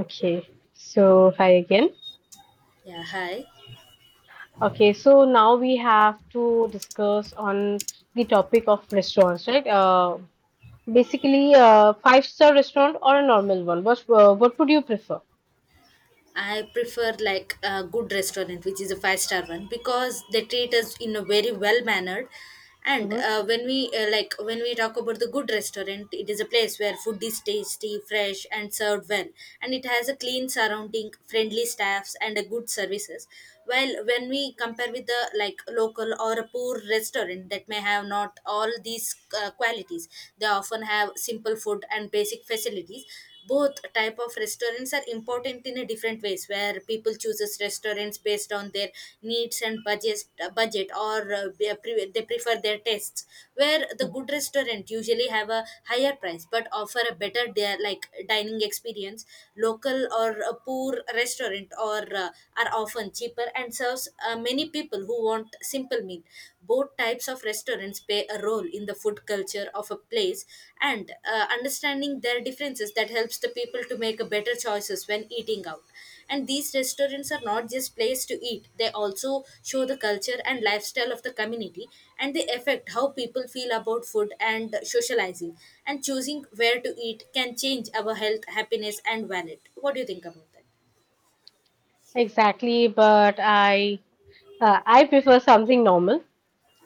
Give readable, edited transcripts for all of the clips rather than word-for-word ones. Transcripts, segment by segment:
Okay, so hi again. Yeah, hi. Okay, so now we have to discuss on the topic of restaurants, right? Basically, five-star restaurant or a normal one? What would you prefer? I prefer like a good restaurant, which is a five star one, because they treat us in a very well mannered. And Hmm. When we like when we talk about the good restaurant, it is a place where food is tasty, fresh, and served well, and it has a clean surrounding, friendly staffs, and a good services. While when we compare with the like local or a poor restaurant that may have not all these qualities, they often have simple food and basic facilities. Both type of restaurants are important in a different ways, where people chooses restaurants based on their needs and budget or they prefer their tastes, where the good restaurant usually have a higher price but offer a like dining experience. Local or a poor restaurant or are often cheaper and serves many people who want simple meal. Both types of restaurants play a role in the food culture of a place. And understanding their differences that helps the people to make a better choices when eating out. And these restaurants are not just place to eat, they also show the culture and lifestyle of the community, and they affect how people feel about food and socializing. And choosing where to eat can change our health, happiness, and wallet. What do you think about that? Exactly, but I prefer something normal.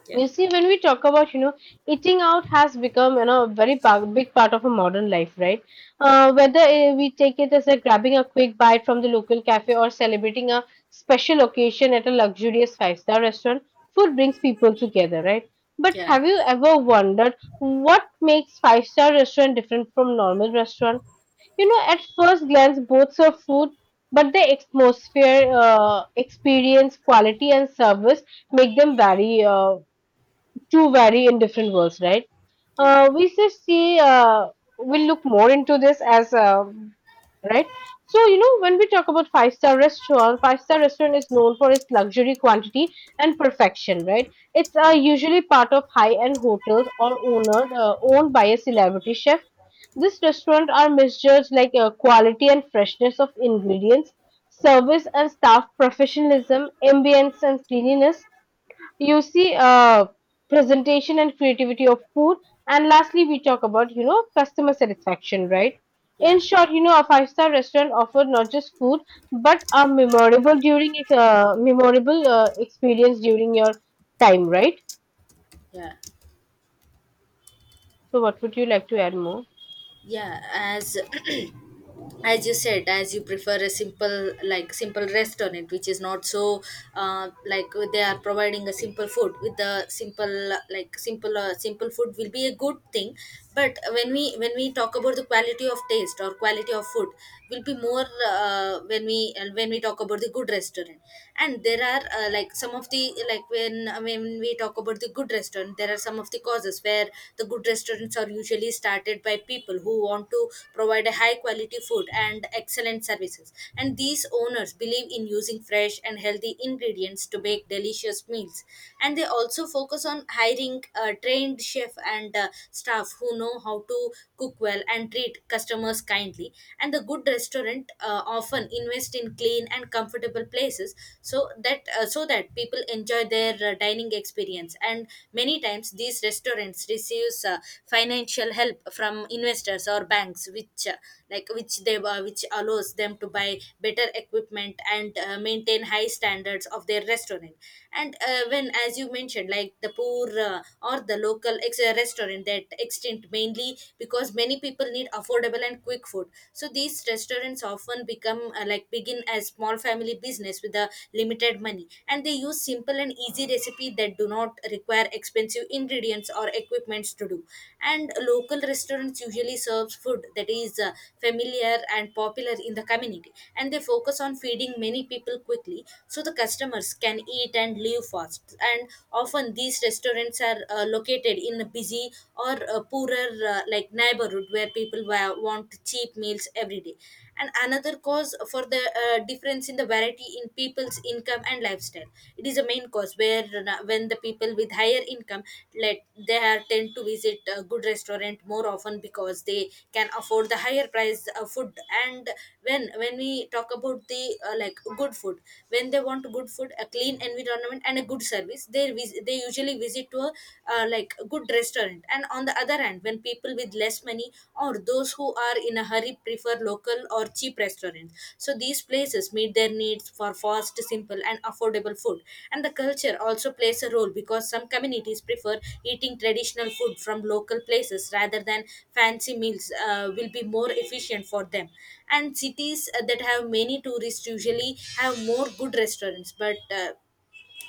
yeah You see, when we talk about, you know, eating out has become, you know, a big part of a modern life, right? Whether we take it as a grabbing a quick bite from the local cafe or celebrating a special occasion at a luxurious five-star restaurant, food brings people together, right? But yeah have you ever wondered what makes five-star restaurant different from normal restaurant? You know, at first glance, both serve food, but the atmosphere, experience, quality, and service make them vary. To vary in different worlds, right? yeah We just see, we'll look more into this as. Right? So, you know, when we talk about five-star restaurant is known for its luxury, quantity, and perfection, right? It's yeah usually part of high end hotels or owned by a celebrity chef. This restaurant are measures like quality and freshness of ingredients, service and staff professionalism, ambience and cleanliness, you see, presentation and creativity of food, and lastly we talk about, you know, customer satisfaction, right? In yeah short, you know, a five-star restaurant offered not just food, but a memorable experience during your time, right? yeah So what would you like to add more? yeah as As you said, as you prefer a simple like simple restaurant which is not so like they are providing a simple food with the simple like simple food will be a good thing. But when we talk about the quality of taste or quality of food, will be more when we talk about the good restaurant. And there are like some of the when we talk about the good restaurant, there are some of the causes where the good restaurant restaurants are usually started by people who want to provide a high quality food and excellent services. And these owners believe in using fresh and healthy ingredients to make delicious meals. And they also focus on hiring a trained chef and staff who know how to cook well and treat customers kindly. And the good restaurant often invest in clean and comfortable places, so that people enjoy their dining experience. And many times these restaurants receives financial help from investors or banks, which like which they which allows them to buy better equipment and maintain high standards of their restaurant. And when, as you mentioned, like the poor or the restaurant that extinct mainly because many people need affordable and quick food. So these restaurants often become like begin as small family business with a limited money, and they use simple and easy recipe that do not require expensive ingredients or equipments to do. And local restaurants usually serves food that is familiar and popular in the community, and they focus on feeding many people quickly so the customers can eat and leave fast. And often these restaurants are located in a busy or poorer like neighborhood where want cheap meals every day. And another cause for the difference in the variety in people's income and lifestyle, it is a main cause where when the people with higher income, let they are tend to visit a good restaurant more often because they can afford the higher price food. And when we talk about the like good food, when they want good food, a clean environment, and a good service, they usually visit to a like good restaurant. And on the other hand, when people with less money or those who are in a hurry prefer local or cheap restaurants. So these places meet their needs for fast, simple, and affordable food. And the culture also plays a role because some communities prefer eating traditional food from local places rather than fancy meals will be more efficient for them. And cities that have many tourists usually have more good restaurants, but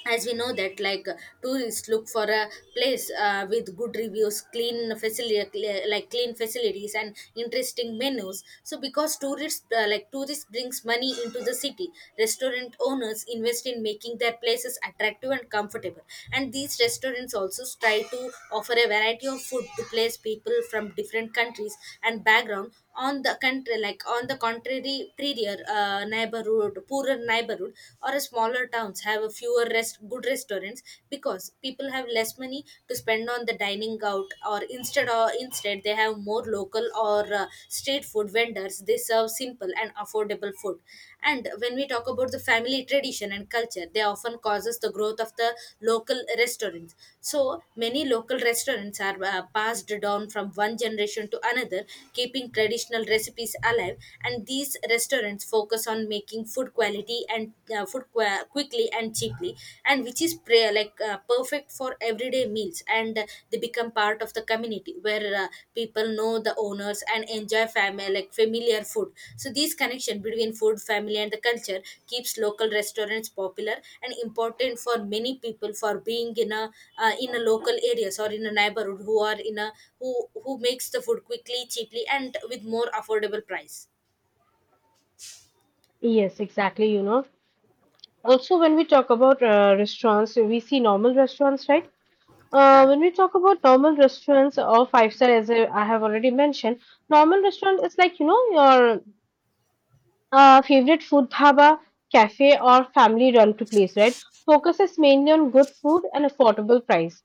as we know that like tourists look for a place with good reviews, clean facility like clean facilities and interesting menus. So because tourists like tourists brings money into the city, restaurant owners invest in making their places attractive and comfortable. And these restaurants also try to offer a variety of food to place people from different countries and background on the country. Like on the contrary, prettier neighborhood, poorer neighborhood or a smaller towns have a fewer rest good restaurants because people have less money to spend on the dining out. Or instead, they have more local or street food vendors, they serve simple and affordable food. And when we talk about the family tradition and culture, they often causes the growth of the local restaurants. So many local restaurants are passed down from one generation to another, keeping traditional recipes alive. And these restaurants focus on making food quality and food qua quickly and cheaply, and which is like perfect for everyday meals. And the become part of the community where people know the owners and enjoy family like familiar food. So this connection between food, family, and the culture keeps local restaurants popular and important for many people, for being in a local areas or in a neighborhood who are in a who makes the food quickly, cheaply, and with more affordable price. Yes, exactly. You know, also when we talk about restaurants, we see normal restaurants, right? Yeah. When we talk about normal restaurants or five-star, as I have already mentioned, normal restaurant is like, you know, your favorite food dhaba, cafe, or family run to place, right? Focuses mainly on good food and affordable price.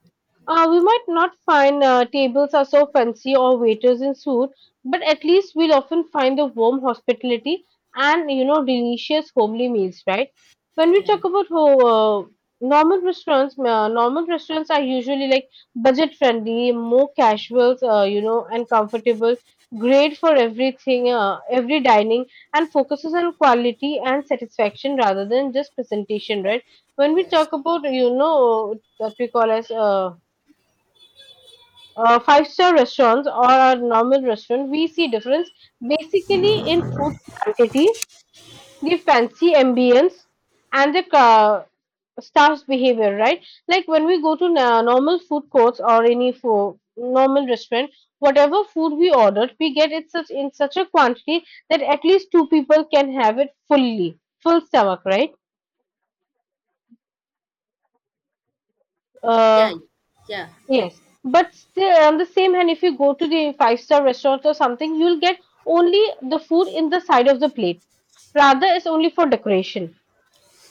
We might not find tables are so fancy or waiters in suit, but at least we'll often find the warm hospitality and, you know, delicious homely meals, right? When we talk about normal restaurants are usually like budget friendly, more casuals, you know, and comfortable. Great for everything, every dining, and focuses on quality and satisfaction rather than just presentation, right? When we Yes. talk about, you know, what we call as five-star restaurants or a normal restaurant, we see difference basically in food quantity, the fancy ambience, and the staff's behavior, right? Like when we go to normal food courts or any food, normal restaurant, whatever food we ordered, we get it such in such a quantity that at least two people can have it fully, full stomach, right? yeah Uh, yeah yes. But still, on the same hand, if you go to the five-star restaurant or something, you'll get only the food in the side of the plate. Rather, it's only for decoration,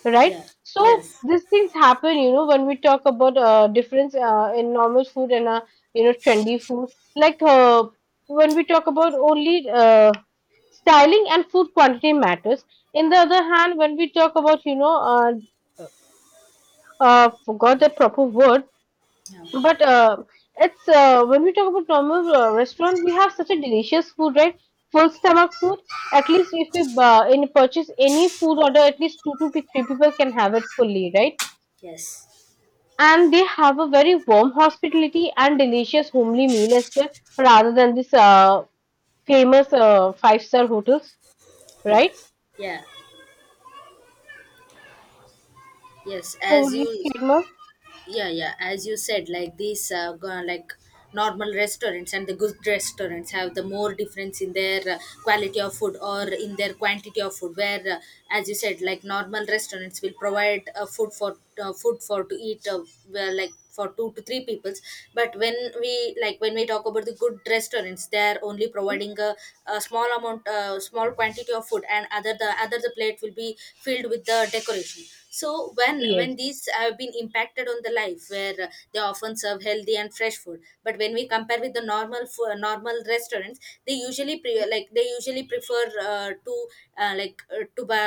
right? yeah. So Yes. these things happen, you know, when we talk about difference in normal food and, you know, trendy food. Like uh, when we talk about only styling and food quantity matters. In the other hand, when we talk about, you know, forgot the proper word, but it's when we talk about normal restaurant, we have such a delicious food, right? Full stomach food. At least if we in purchase any food order, at least two to three people can have it fully, right? yes And they have a very warm hospitality and delicious homely meal as well, rather than this famous five-star hotels, yeah right? yeah yes So as like, you Kerma- yeah as you said, like these like normal restaurants and the good restaurants have the more difference in their quality of food or in their quantity of food, where as you said, like normal restaurants will provide food for food for to eat well, like for two to three peoples. But when we like when we talk about the good restaurants, they are only Mhm. providing a small amount small quantity of food, and other the plate will be filled with the decoration. So Yes. when these have been impacted on the life where they often serve healthy and fresh food. But when we compare with the normal restaurants, they like they usually prefer to to buy,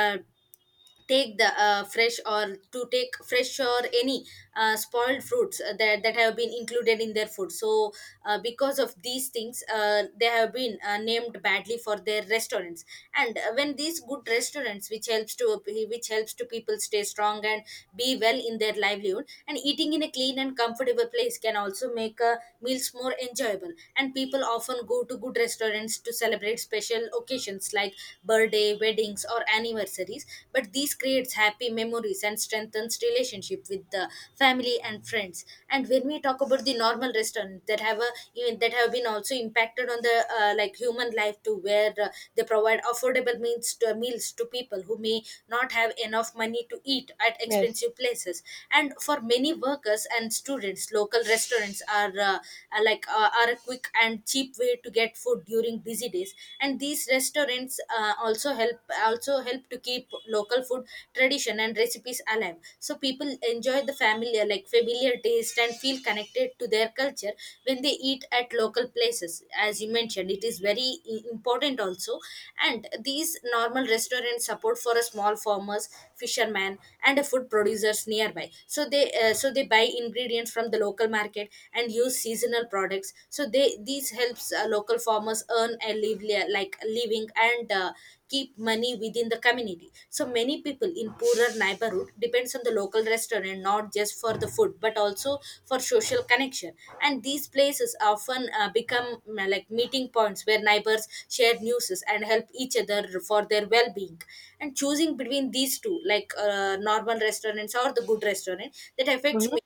take the fresh or to take fresh or any spoiled fruits that, that have been included in their food. So because of these things they have been named badly for their restaurants. And when these good restaurants which helps to people stay strong and be well in their livelihood. And eating in a clean and comfortable place can also make meals more enjoyable, and people often go to good restaurants to celebrate special occasions like birthday, weddings, or anniversaries. But these creates happy memories and strengthens relationship with the family and friends. And when we talk about the normal restaurant that have a, even that have been also impacted on the like human life to, where they provide affordable meals to people who may not have enough money to eat at Yes. expensive places. And for many workers and students, local restaurants are like are a quick and cheap way to get food during busy days. And these restaurants also help to keep local food tradition and recipes alive, so people enjoy the familiar like familiar taste and feel connected to their culture when they eat at local places. As you mentioned, it is very important also. And these normal restaurants support for a small farmers, fishermen, and a food producers nearby. So they so they buy ingredients from the local market and use seasonal products. So they these helps local farmers earn a lively, like living, and keep money within the community. So many people in poorer neighborhood depends on the local restaurant not just for the food but also for social connection. And these places often become like meeting points where neighbors share news and help each other for their well-being. And choosing between these two, like normal restaurants or the good restaurant, that affects Hmm. me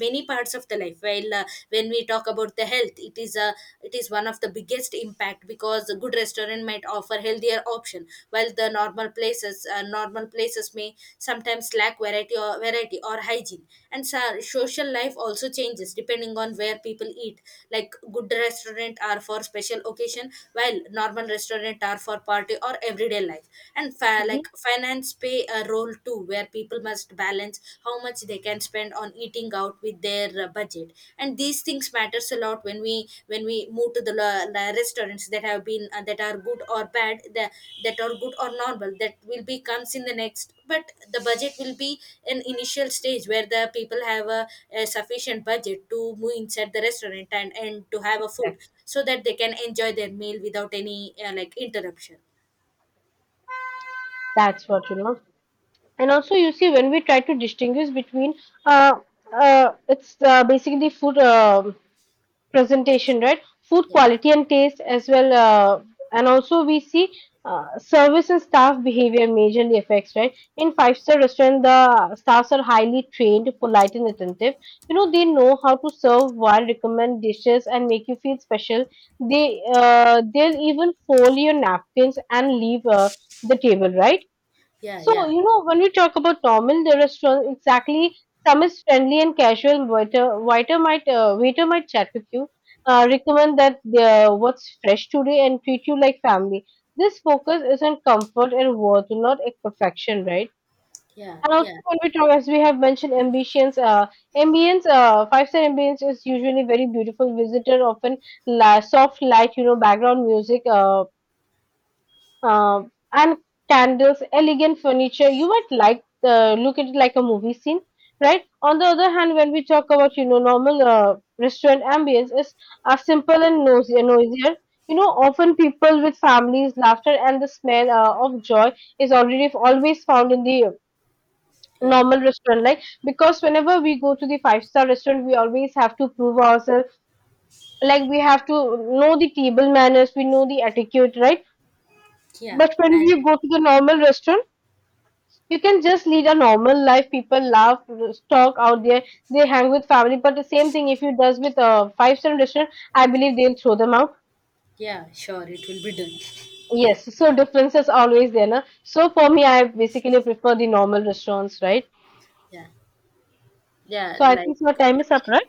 many parts of the life. While when we talk about the health, it is a it is one of the biggest impact, because a good restaurant might offer healthier option, while the normal places may sometimes lack variety or hygiene. And so, social life also changes depending on where people eat, like good restaurant are for special occasion while normal restaurant are for party or everyday life. And Hmm. like finance play a role too, where people must balance how much they can spend on eating out with their budget. And these things matters a lot when we move to the restaurants that have been that are good or bad, the, that are good or normal that will be comes in the next. But the budget will be an initial stage where the people have a sufficient budget to move inside the restaurant and to have a food, so that they can enjoy their meal without any like interruption. That's what, you know, and also you see when we try to distinguish between uh, it's basically food presentation, right? Food yeah quality and taste as well, and also we see service and staff behavior majorly affects, right? In five-star restaurant, the staffs are highly trained, polite, and attentive. You know, they know how to serve while recommend dishes and make you feel special. They'll even fold your napkins and leave the table, right? yeah So, yeah you know, when we talk about normal the restaurant, exactly, some is friendly and casual. Waiter might chat with you, recommend that what's fresh today, and treat you like family. This focus is on comfort and worth, not a perfection, right? yeah And also, yeah when we talk, as we have mentioned, ambience, five-star ambience is usually very beautiful. Visitor often la soft light, you know, background music, uh, and candles, elegant furniture. You might like look at it like a movie scene, right? On the other hand, when we talk about, you know, normal restaurant ambience, is are simple and nosy, noisier. You know, often people with families, laughter, and the smell of joy is already always found in the yeah normal restaurant. Like because whenever we go to the five-star restaurant, we always have to prove ourselves. Like we have to know the table manners, we know the etiquette, right? Yeah, But when and we go to the normal restaurant, you can just lead a normal life. People laugh, talk out there. They hang with family, but the same thing if you does with a five-star restaurant, I believe they'll throw them out. yeah, sure, it will be done. Yes, so differences always there, na? So for me, I basically prefer the normal restaurants, right? Yeah, yeah, So I like think your time is up, right?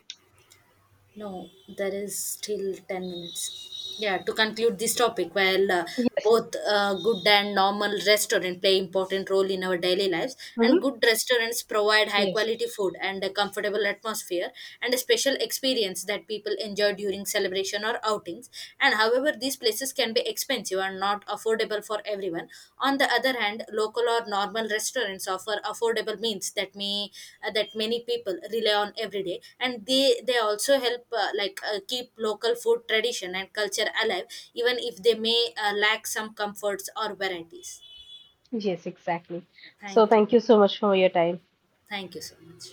no, there is still 10 minutes. Yeah, to conclude this topic, while Yes. both good and normal restaurant play important role in our daily lives, Hmm. and good restaurants provide high Yes. quality food and a comfortable atmosphere and a special experience that people enjoy during celebration or outings. And however, these places can be expensive and not affordable for everyone. On the other hand, local or normal restaurants offer affordable meals that may that many people rely on every day, and they also help like keep local food tradition and culture alive, even if they may lack some comforts or varieties. Yes, exactly. So Thank you, thank you so much for your time. thank you so much.